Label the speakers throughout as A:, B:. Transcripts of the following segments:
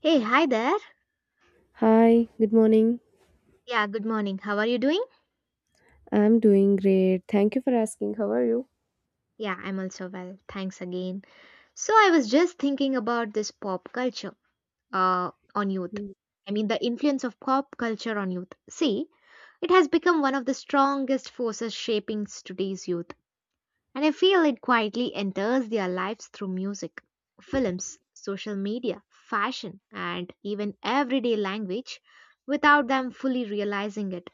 A: Hey, hi there.
B: Hi, good morning.
A: Yeah, good morning. How are you doing?
B: I'm doing great. Thank you for asking. How are you?
A: Yeah, I'm also well. Thanks again. So, I was just thinking about this pop culture on youth.
B: Mm.
A: I mean, the influence of pop culture on youth. See, it has become one of the strongest forces shaping today's youth. And I feel it quietly enters their lives through music, films, social media, fashion, and even everyday language without them fully realizing it.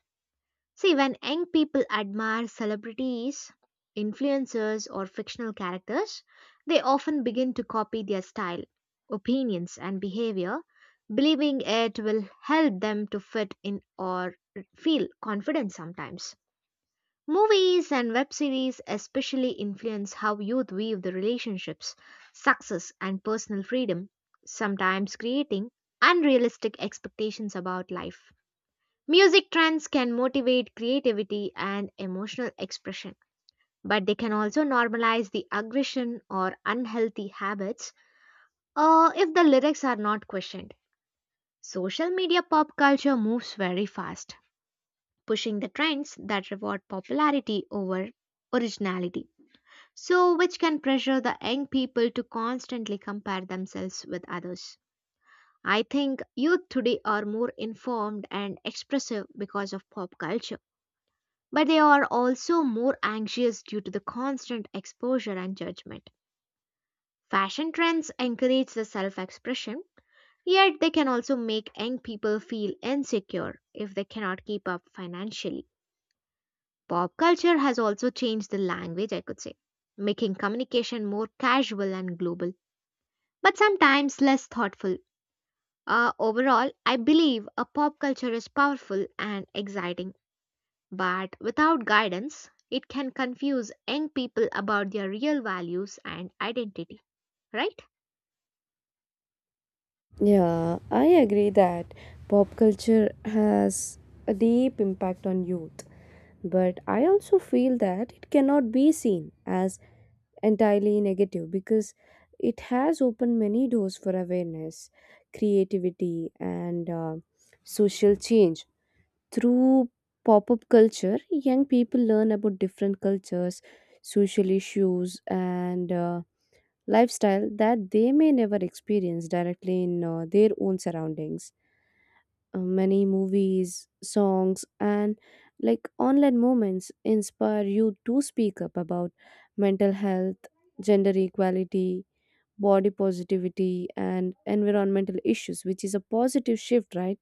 A: See, when young people admire celebrities, influencers, or fictional characters, they often begin to copy their style, opinions, and behavior, believing it will help them to fit in or feel confident sometimes. Movies and web series especially influence how youth view the relationships, success, and personal freedom, sometimes creating unrealistic expectations about life. Music trends can motivate creativity and emotional expression, but they can also normalize the aggression or unhealthy habits if the lyrics are not questioned. Social media pop culture moves very fast, pushing the trends that reward popularity over originality, so which can pressure the young people to constantly compare themselves with others. I think youth today are more informed and expressive because of pop culture. But they are also more anxious due to the constant exposure and judgment. Fashion trends encourage the self expression, yet they can also make young people feel insecure if they cannot keep up financially. Pop culture has also changed the language, I could say, making communication more casual and global, but sometimes less thoughtful. Overall, I believe a pop culture is powerful and exciting. But without guidance, it can confuse young people about their real values and identity, right?
B: Yeah, I agree that pop culture has a deep impact on youth, but I also feel that it cannot be seen as entirely negative because it has opened many doors for awareness, creativity, and social change. Through pop up culture, young people learn about different cultures, social issues, and lifestyle that they may never experience directly in their own surroundings. Many movies, songs, and like online moments inspire you to speak up about mental health, gender equality, body positivity, and environmental issues, which is a positive shift, right?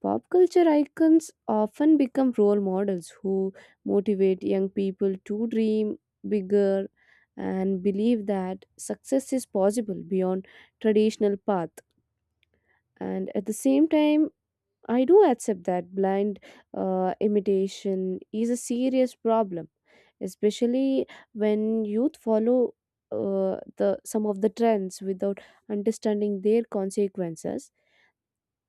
B: Pop culture icons often become role models who motivate young people to dream bigger and believe that success is possible beyond traditional path. And at the same time, I do accept that blind imitation is a serious problem, especially when youth follow the some of the trends without understanding their consequences.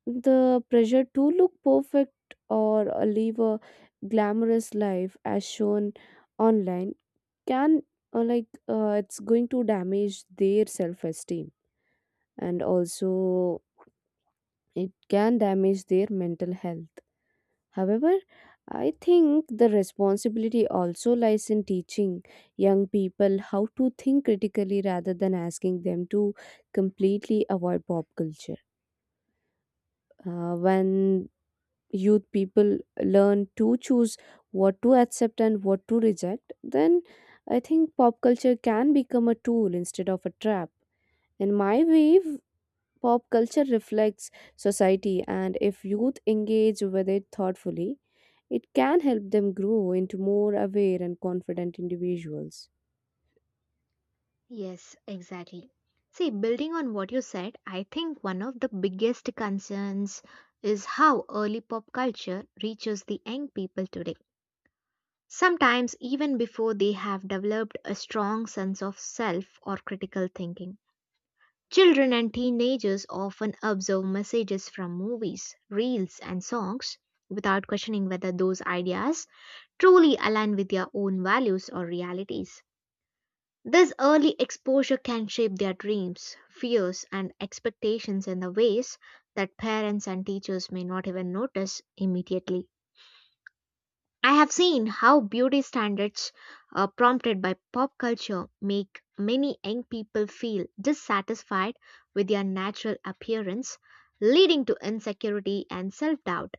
B: The pressure to look perfect or live a glamorous life as shown online can it's going to damage their self-esteem, and also it can damage their mental health. However, I think the responsibility also lies in teaching young people how to think critically rather than asking them to completely avoid pop culture. When youth people learn to choose what to accept and what to reject, then I think pop culture can become a tool instead of a trap. In my way, pop culture reflects society, and if youth engage with it thoughtfully, it can help them grow into more aware and confident individuals.
A: Yes, exactly. See, building on what you said, I think one of the biggest concerns is how early pop culture reaches the young people today. Sometimes, even before they have developed a strong sense of self or critical thinking. Children and teenagers often absorb messages from movies, reels, and songs without questioning whether those ideas truly align with their own values or realities. This early exposure can shape their dreams, fears, and expectations in the ways that parents and teachers may not even notice immediately. I have seen how beauty standards prompted by pop culture make many young people feel dissatisfied with their natural appearance, leading to insecurity and self doubt.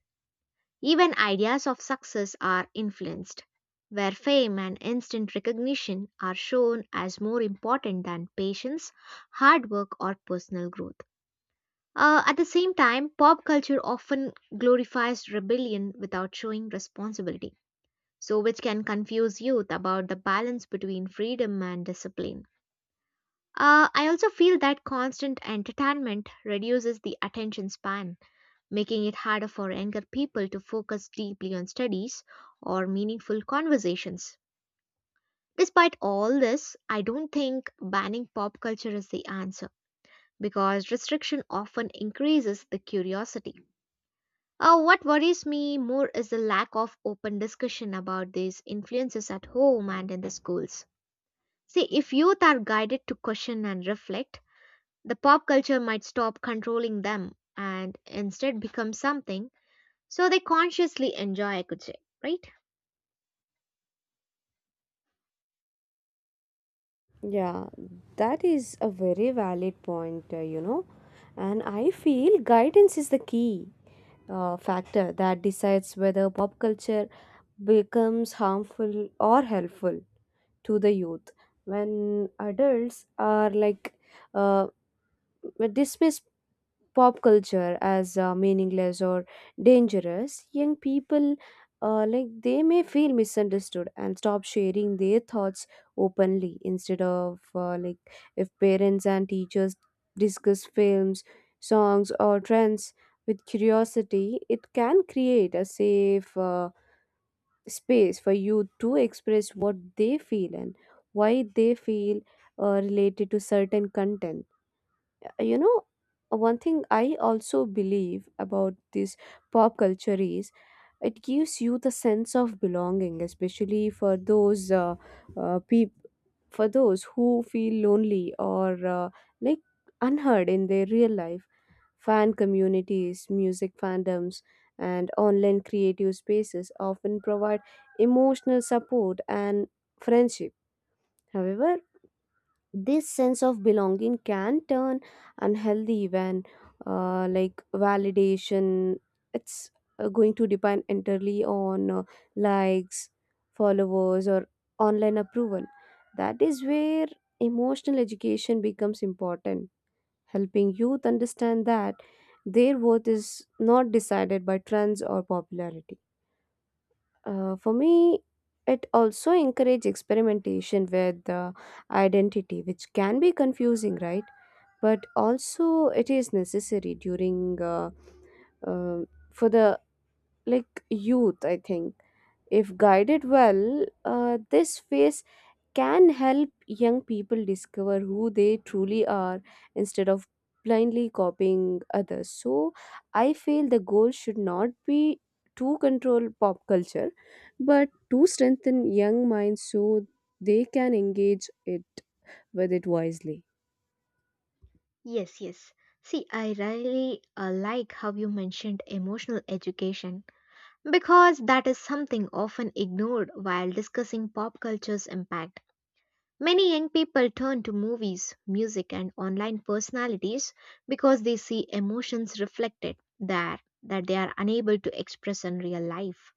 A: Even ideas of success are influenced, where fame and instant recognition are shown as more important than patience, hard work, or personal growth. At the same time, pop culture often glorifies rebellion without showing responsibility so which can confuse youth about the balance between freedom and discipline. I also feel that constant entertainment reduces the attention span, making it harder for younger people to focus deeply on studies or meaningful conversations. Despite all this, I don't think banning pop culture is the answer because restriction often increases the curiosity. What worries me more is the lack of open discussion about these influences at home and in the schools. See, if youth are guided to question and reflect, the pop culture might stop controlling them and instead become something so they consciously enjoy, I could say, right?
B: Yeah, that is a very valid point, you know, and I feel guidance is the key factor that decides whether pop culture becomes harmful or helpful to the youth. When adults are like uh, dismiss pop culture as meaningless or dangerous, young people they may feel misunderstood and stop sharing their thoughts openly. Instead of if parents and teachers discuss films, songs, or trends with curiosity, it can create a safe space for youth to express what they feel and why they feel related to certain content. Uh, you know one thing I also believe about this pop culture is it gives you the sense of belonging, especially for those people, for those who feel lonely or like unheard in their real life. Fan communities, music fandoms, and online creative spaces often provide emotional support and friendship. However, this sense of belonging can turn unhealthy when validation, it's going to depend entirely on likes, followers, or online approval. That is where emotional education becomes important, helping youth understand that their worth is not decided by trends or popularity. Uh, for me, it also encourages experimentation with identity, which can be confusing, right? But also, it is necessary during uh, for the like youth. I think if guided well, this phase can help young people discover who they truly are instead of blindly copying others. So, I feel the goal should not be to control pop culture, but to strengthen young minds so they can engage it with it wisely.
A: Yes, yes. See, I really like how you mentioned emotional education because that is something often ignored while discussing pop culture's impact. Many young people turn to movies, music, and online personalities because they see emotions reflected there that they are unable to express in real life.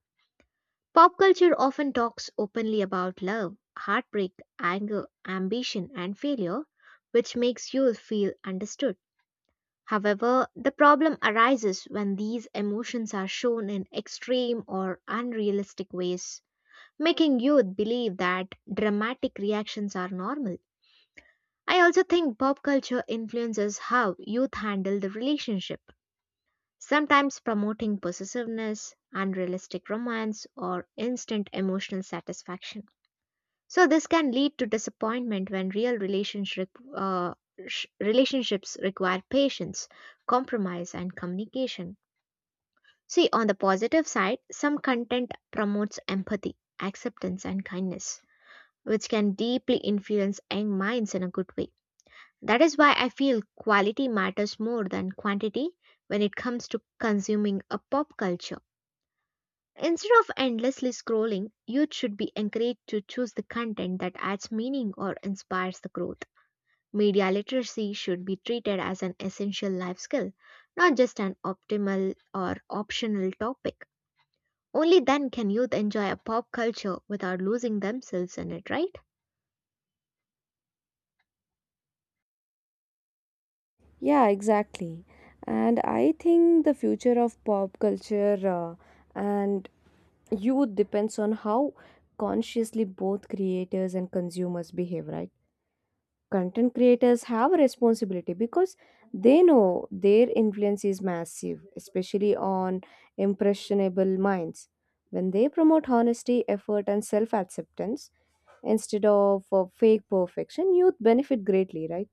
A: Pop culture often talks openly about love, heartbreak, anger, ambition, and failure, which makes you feel understood. However, the problem arises when these emotions are shown in extreme or unrealistic ways, making youth believe that dramatic reactions are normal. I also think pop culture influences how youth handle the relationship, sometimes promoting possessiveness, unrealistic romance, or instant emotional satisfaction. So, this can lead to disappointment when real uh, relationships require patience, compromise, and communication. See, on the positive side, some content promotes empathy, acceptance, and kindness, which can deeply influence young minds in a good way. That is why I feel quality matters more than quantity when it comes to consuming a pop culture. Instead of endlessly scrolling, youth should be encouraged to choose the content that adds meaning or inspires the growth. Media literacy should be treated as an essential life skill, not just an optimal or optional topic. Only then can youth enjoy a pop culture without losing themselves in it, right?
B: Yeah, exactly. And I think the future of pop culture and youth depends on how consciously both creators and consumers behave, right? Content creators have a responsibility because they know their influence is massive, especially on impressionable minds. When they promote honesty, effort, and self acceptance instead of fake perfection, youth benefit greatly, right?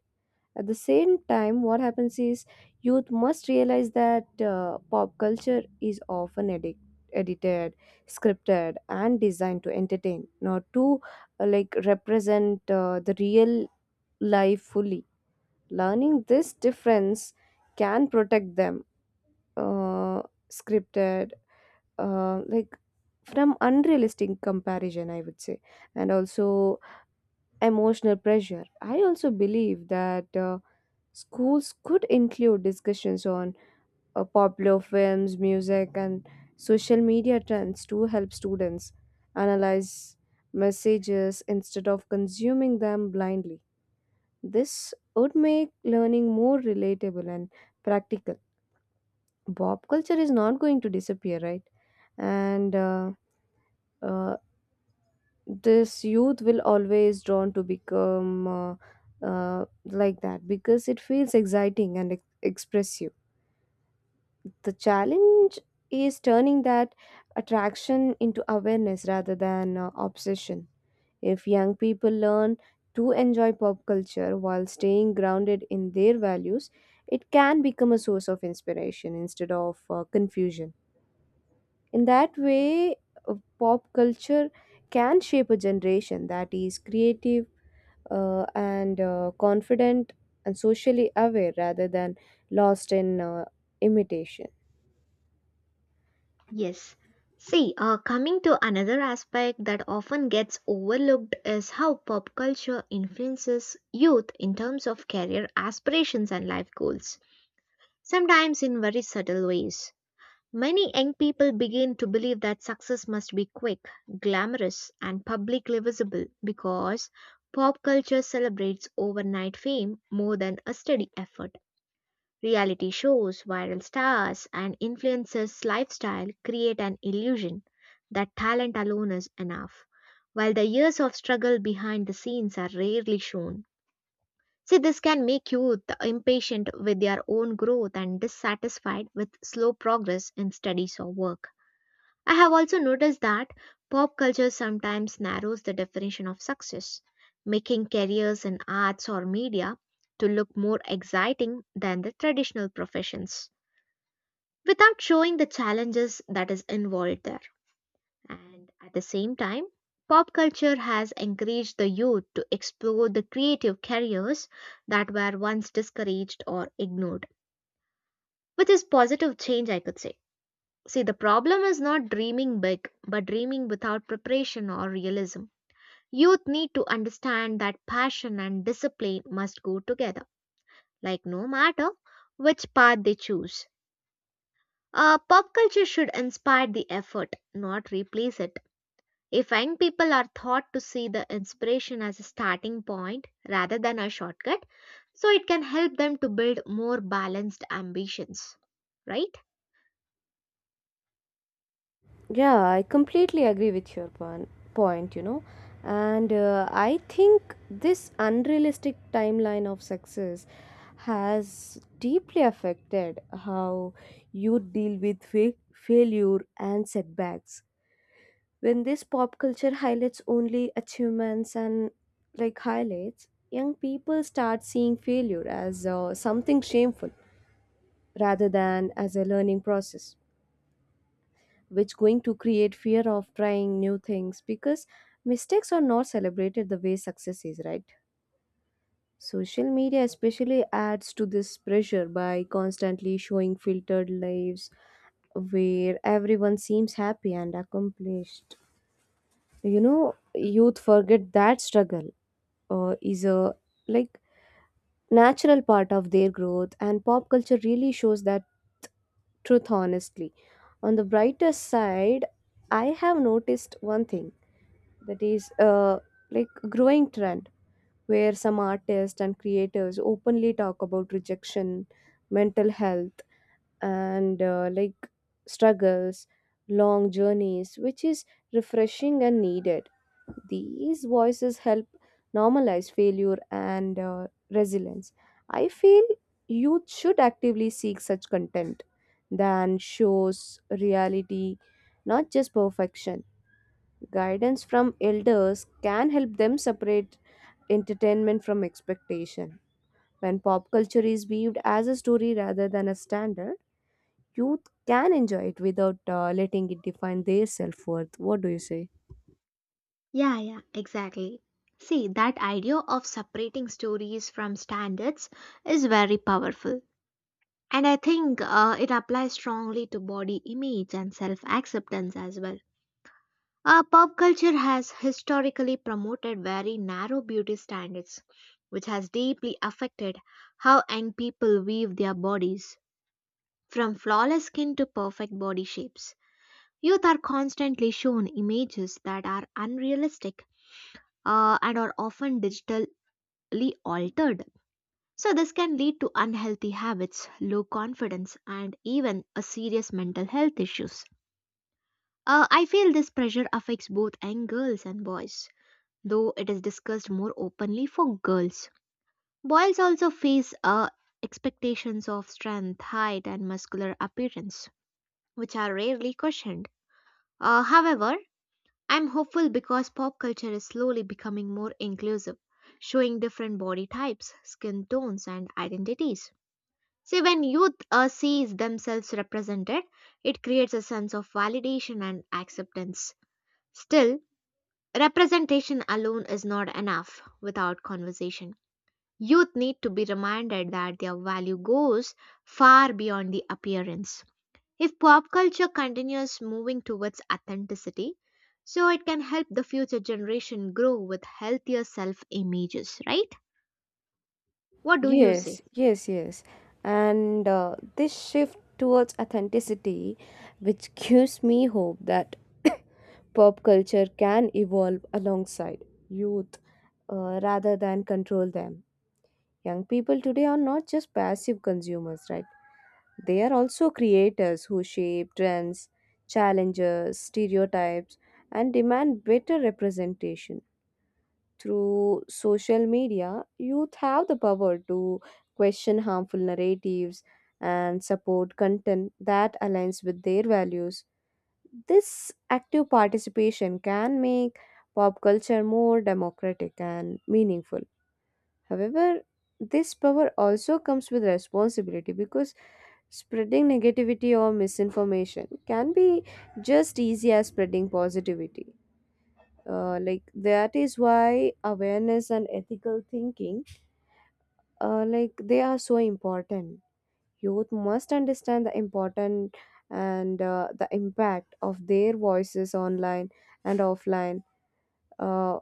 B: At the same time, what happens is youth must realize that pop culture is often edited, scripted, and designed to entertain, not to represent the real life fully. Learning this difference can protect them, uh, scripted, like from unrealistic comparison, I would say, and also emotional pressure. I also believe that schools could include discussions on popular films, music, and social media trends to help students analyze messages instead of consuming them blindly. This would make learning more relatable and practical. Pop culture is not going to disappear, right? And uh, this youth will always drawn to become that because it feels exciting and expressive. The challenge is turning that attraction into awareness rather than obsession. If young people learn to enjoy pop culture while staying grounded in their values, it can become a source of inspiration instead of confusion. In that way, pop culture can shape a generation that is creative and confident and socially aware rather than lost in imitation.
A: Yes. See, coming to another aspect that often gets overlooked is how pop culture influences youth in terms of career aspirations and life goals, sometimes in very subtle ways. Many young people begin to believe that success must be quick, glamorous, and publicly visible because pop culture celebrates overnight fame more than a steady effort. Reality shows, viral stars, and influencers' lifestyle create an illusion that talent alone is enough, while the years of struggle behind the scenes are rarely shown. See, this can make youth impatient with their own growth and dissatisfied with slow progress in studies or work. I have also noticed that pop culture sometimes narrows the definition of success, making careers in arts or media to look more exciting than the traditional professions without showing the challenges that is involved there. And at the same time, pop culture has encouraged the youth to explore the creative careers that were once discouraged or ignored, which is positive change, I could say. See, the problem is not dreaming big, but dreaming without preparation or realism. Youth need to understand that passion and discipline must go together, like no matter which path they choose. Pop culture should inspire the effort, not replace it. If young people are taught to see the inspiration as a starting point rather than a shortcut, so it can help them to build more balanced ambitions, right?
B: Yeah, I completely agree with your point, you know. And I think this unrealistic timeline of success has deeply affected how you deal with failure and setbacks. When this pop culture highlights only achievements and like highlights, young people start seeing failure as something shameful rather than as a learning process, which going to create fear of trying new things because mistakes are not celebrated the way success is, right? Social media especially adds to this pressure by constantly showing filtered lives where everyone seems happy and accomplished. You know, youth forget that struggle is a like natural part of their growth, and pop culture really shows that truth honestly. On the brighter side, I have noticed one thing that is a growing trend where some artists and creators openly talk about rejection, mental health, and struggles, long journeys, which is refreshing and needed. These voices help normalize failure and resilience. I feel youth should actively seek such content than shows reality, not just perfection. Guidance from elders can help them separate entertainment from expectation. When pop culture is viewed as a story rather than a standard, youth can enjoy it without letting it define their self worth. What do you say?
A: Yeah, yeah, exactly. See, that idea of separating stories from standards is very powerful. And I think it applies strongly to body image and self acceptance as well. Pop culture has historically promoted very narrow beauty standards, which has deeply affected how young people weave their bodies, from flawless skin to perfect body shapes. Youth are constantly shown images that are unrealistic and are often digitally altered. So, this can lead to unhealthy habits, low confidence, and even a serious mental health issues. I feel this pressure affects both young girls and boys though it is discussed more openly for girls. Boys also face expectations of strength, height, and muscular appearance, which are rarely questioned. However, I'm hopeful because pop culture is slowly becoming more inclusive, showing different body types, skin tones, and identities. See, when youth sees themselves represented, it creates a sense of validation and acceptance. Still, representation alone is not enough without conversation. Youth need to be reminded that their value goes far beyond the appearance. If pop culture continues moving towards authenticity, so it can help the future generation grow with healthier self images, right? What do you
B: Yes,
A: say?
B: yes, yes. And this shift towards authenticity, which gives me hope that pop culture can evolve alongside youth rather than control them. Young people today are not just passive consumers, right? They are also creators who shape trends, challenges, stereotypes, and demand better representation. Through social media, youth have the power to question harmful narratives and support content that aligns with their values. This active participation can make pop culture more democratic and meaningful. However, this power also comes with responsibility because spreading negativity or misinformation can be just easy as spreading positivity. That is why awareness and ethical thinking, they are so important. Youth must understand the important and the impact of their voices online and offline. Uh,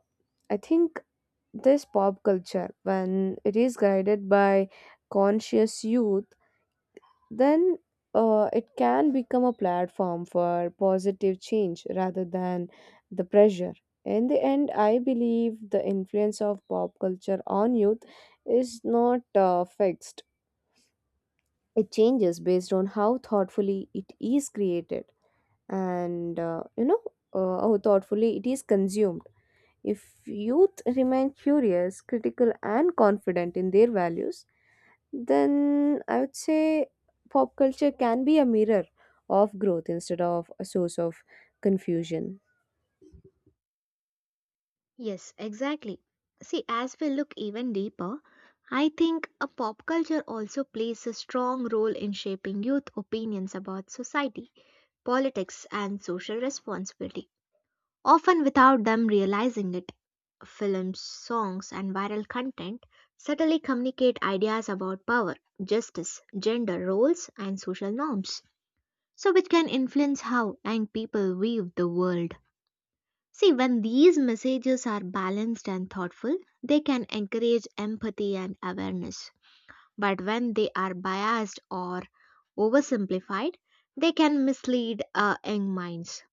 B: I think this pop culture, when it is guided by conscious youth, then it can become a platform for positive change rather than the pressure. In the end, I believe the influence of pop culture on youth is not fixed. It changes based on how thoughtfully it is created and how thoughtfully it is consumed. If youth remain curious, critical, and confident in their values, then I would say pop culture can be a mirror of growth instead of a source of confusion.
A: Yes, exactly. See, as we look even deeper, I think a pop culture also plays a strong role in shaping youth opinions about society, politics, and social responsibility, often without them realizing it. Films, songs, and viral content subtly communicate ideas about power, justice, gender roles, and social norms, so which can influence how young people view the world. See, when these messages are balanced and thoughtful, they can encourage empathy and awareness. But when they are biased or oversimplified, they can mislead young minds.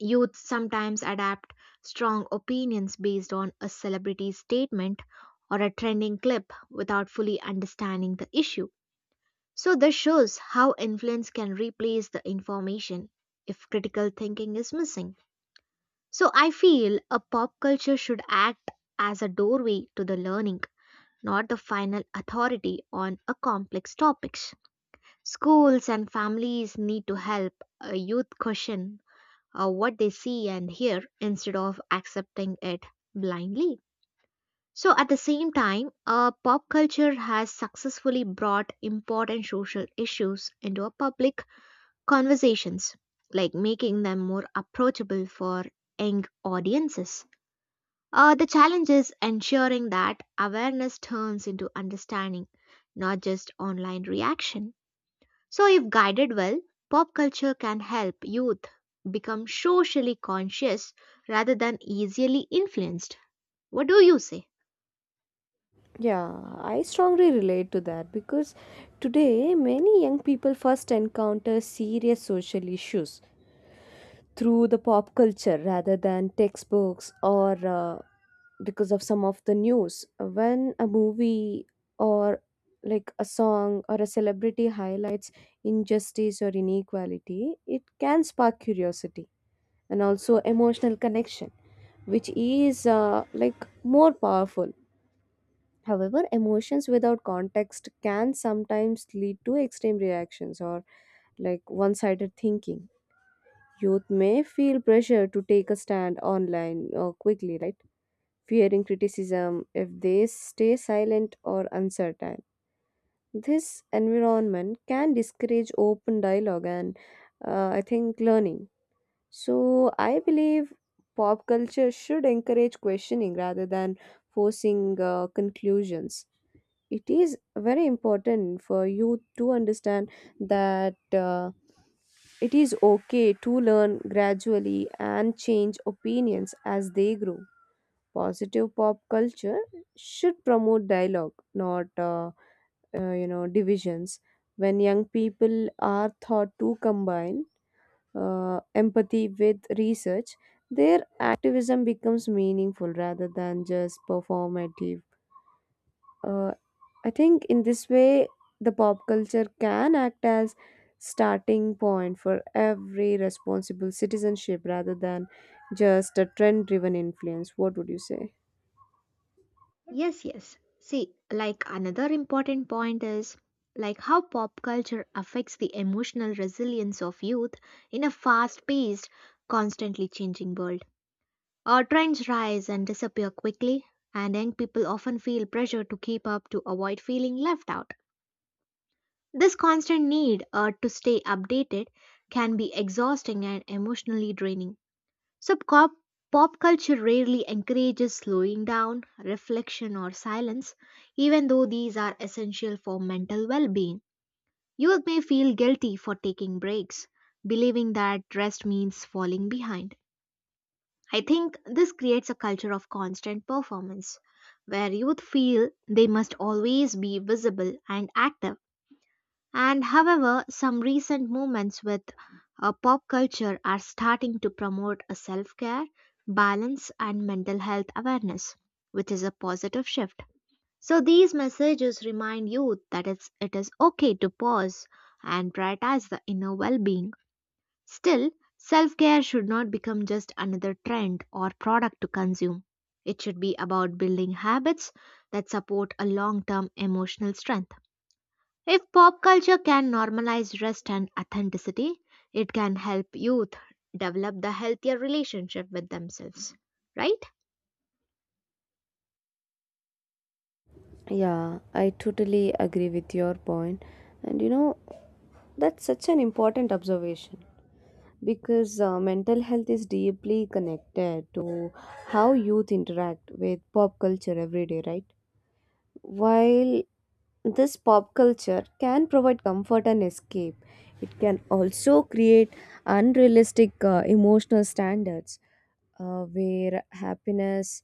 A: Youth sometimes adapt strong opinions based on a celebrity's statement or a trending clip without fully understanding the issue. So, this shows how influence can replace the information if critical thinking is missing. So, I feel a pop culture should act as a doorway to the learning, not the final authority on a complex topics. Schools and families need to help a youth question what they see and hear instead of accepting it blindly. So, at the same time, pop culture has successfully brought important social issues into a public conversations, like making them more approachable for young audiences. The challenge is ensuring that awareness turns into understanding, not just online reaction. So, if guided well, pop culture can help youth become socially conscious rather than easily influenced. What do you say?
B: Yeah, I strongly relate to that because today many young people first encounter serious social issues through the pop culture rather than textbooks or because of some of the news. When a movie or like a song or a celebrity highlights injustice or inequality, it can spark curiosity and also emotional connection, which is more powerful. However, emotions without context can sometimes lead to extreme reactions or like one sided thinking. Youth may feel pressure to take a stand online or quickly, right? Fearing criticism if they stay silent or uncertain. This environment can discourage open dialogue and I think learning. So, I believe pop culture should encourage questioning rather than forcing conclusions. It is very important for you to understand that it is okay to learn gradually and change opinions as they grow. Positive pop culture should promote dialogue, not divisions. When young people are thought to combine empathy with research, their activism becomes meaningful rather than just performative. uh, I think in this way, the pop culture can act as starting point for every responsible citizenship rather than just a trend driven influence. What would you say?
A: Yes, yes. See, like another important point is like how pop culture affects the emotional resilience of youth in a fast-paced, constantly changing world. Our trends rise and disappear quickly, and young people often feel pressure to keep up to avoid feeling left out. This constant need to stay updated can be exhausting and emotionally draining. So, pop culture rarely encourages slowing down, reflection, or silence, even though these are essential for mental well being. Youth may feel guilty for taking breaks, believing that rest means falling behind. I think this creates a culture of constant performance, where youth feel they must always be visible and active and however, some recent movements with pop culture are starting to promote a self care, balance, and mental health awareness, which is a positive shift. So, these messages remind youth that it is okay to pause and prioritize the inner well being. Still, self care should not become just another trend or product to consume. It should be about building habits that support a long term emotional strength. If pop culture can normalize rest and authenticity, it can help youth develop the healthier relationship with themselves, right?
B: Yeah, I totally agree with your point. And you know, that's such an important observation because mental health is deeply connected to how youth interact with pop culture every day, right? While this pop culture can provide comfort and escape, it can also create unrealistic emotional standards, where happiness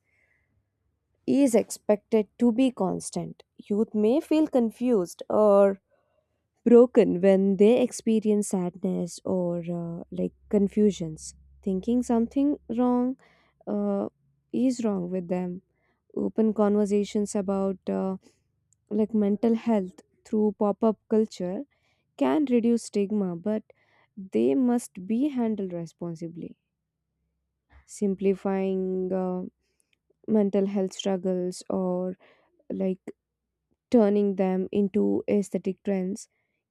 B: is expected to be constant. Youth may feel confused or broken when they experience sadness or confusions, thinking something wrong uh, is wrong with them. Open conversations about mental health through pop-up culture can reduce stigma, but they must be handled responsibly. Simplifying mental health struggles or like turning them into aesthetic trends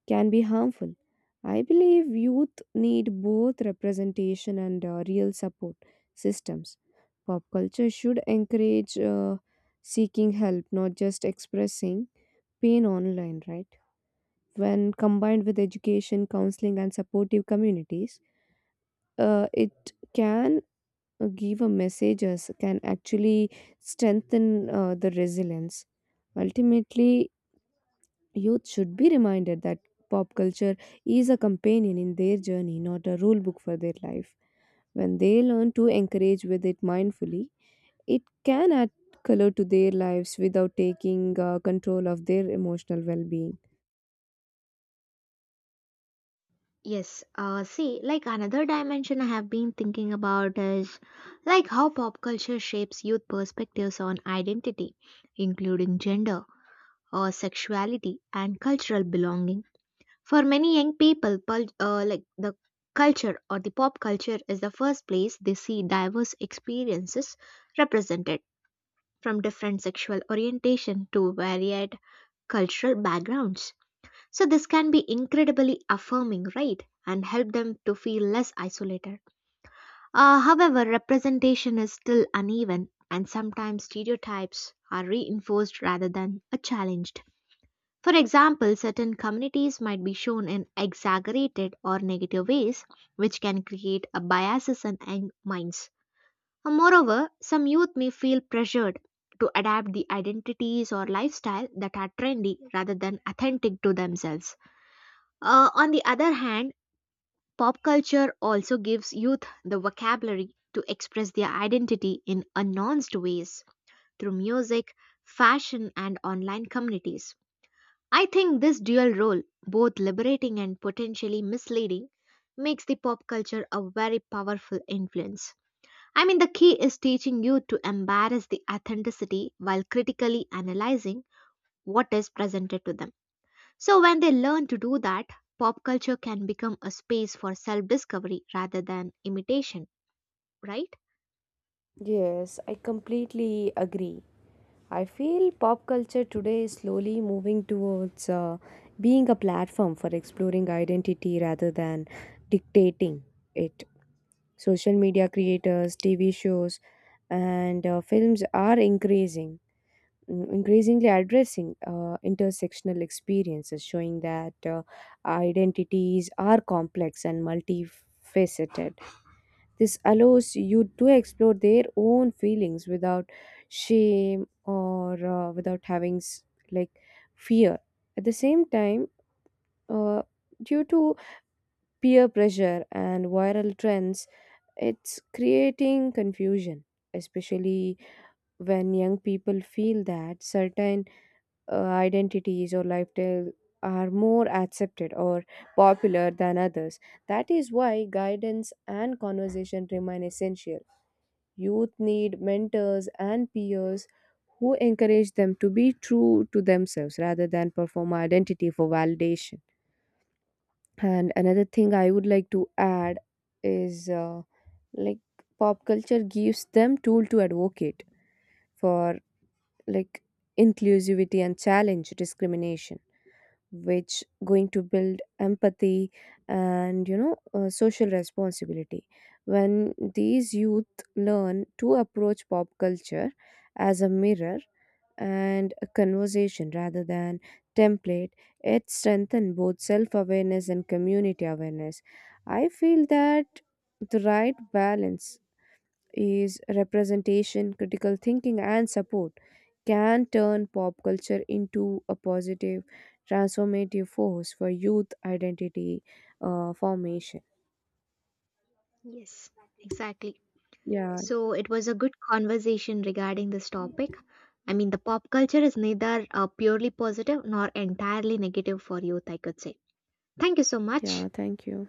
B: can be harmful. I believe youth need both representation and real support systems. Pop culture should encourage seeking help, not just expressing pain online, right? When combined with education, counseling, and supportive communities, it can give a message, as- can actually strengthen the resilience. Ultimately, youth should be reminded that pop culture is a companion in their journey, not a rule book for their life. When they learn to encourage with it mindfully, it can add color to their lives without taking control of their emotional well being.
A: Yes, see, like another dimension I have been thinking about is like how pop culture shapes youth perspectives on identity, including gender, sexuality and cultural belonging. For many young people, like the culture or the pop culture is the first place they see diverse experiences represented from different sexual orientation to varied cultural backgrounds. So this can be incredibly affirming, right? And help them to feel less isolated. However, representation is still uneven, and sometimes stereotypes are reinforced rather than challenged. For example, certain communities might be shown in exaggerated or negative ways, which can create a biases in minds. And moreover, some youth may feel pressured to adapt the identities or lifestyle that are trendy rather than authentic to themselves. On the other hand, pop culture also gives youth the vocabulary to express their identity in nuanced ways through music, fashion, and online communities. I think this dual role, both liberating and potentially misleading, makes the pop culture a very powerful influence. I mean, the key is teaching you to embrace the authenticity while critically analyzing what is presented to them. So, when they learn to do that, pop culture can become a space for self discovery rather than imitation, right?
B: Yes, I completely agree. I feel pop culture today is slowly moving towards being a platform for exploring identity rather than dictating it. Social media creators, TV shows, and films are increasingly addressing intersectional experiences, showing that identities are complex and multifaceted. This allows you to explore their own feelings without shame or without having like fear. At the same time, uh, due to peer pressure and viral trends, it's creating confusion, especially when young people feel that certain identities or lifestyle are more accepted or popular than others. That is why guidance and conversation remain essential. Youth need mentors and peers who encourage them to be true to themselves rather than perform identity for validation. And another thing I would like to add is like pop culture gives them tool to advocate for like inclusivity and challenge discrimination, which going to build empathy and social responsibility. When these youth learn to approach pop culture as a mirror and a conversation rather than template, it strengthens both self-awareness and community awareness. I feel that the right balance is representation, critical thinking, and support can turn pop culture into a positive, transformative force for youth identity formation.
A: Yes, exactly.
B: Yeah,
A: So it was a good conversation regarding this topic. I mean, the pop culture is neither purely positive nor entirely negative for youth, I could say. Thank you so
B: yeah,
A: much.
B: thank you.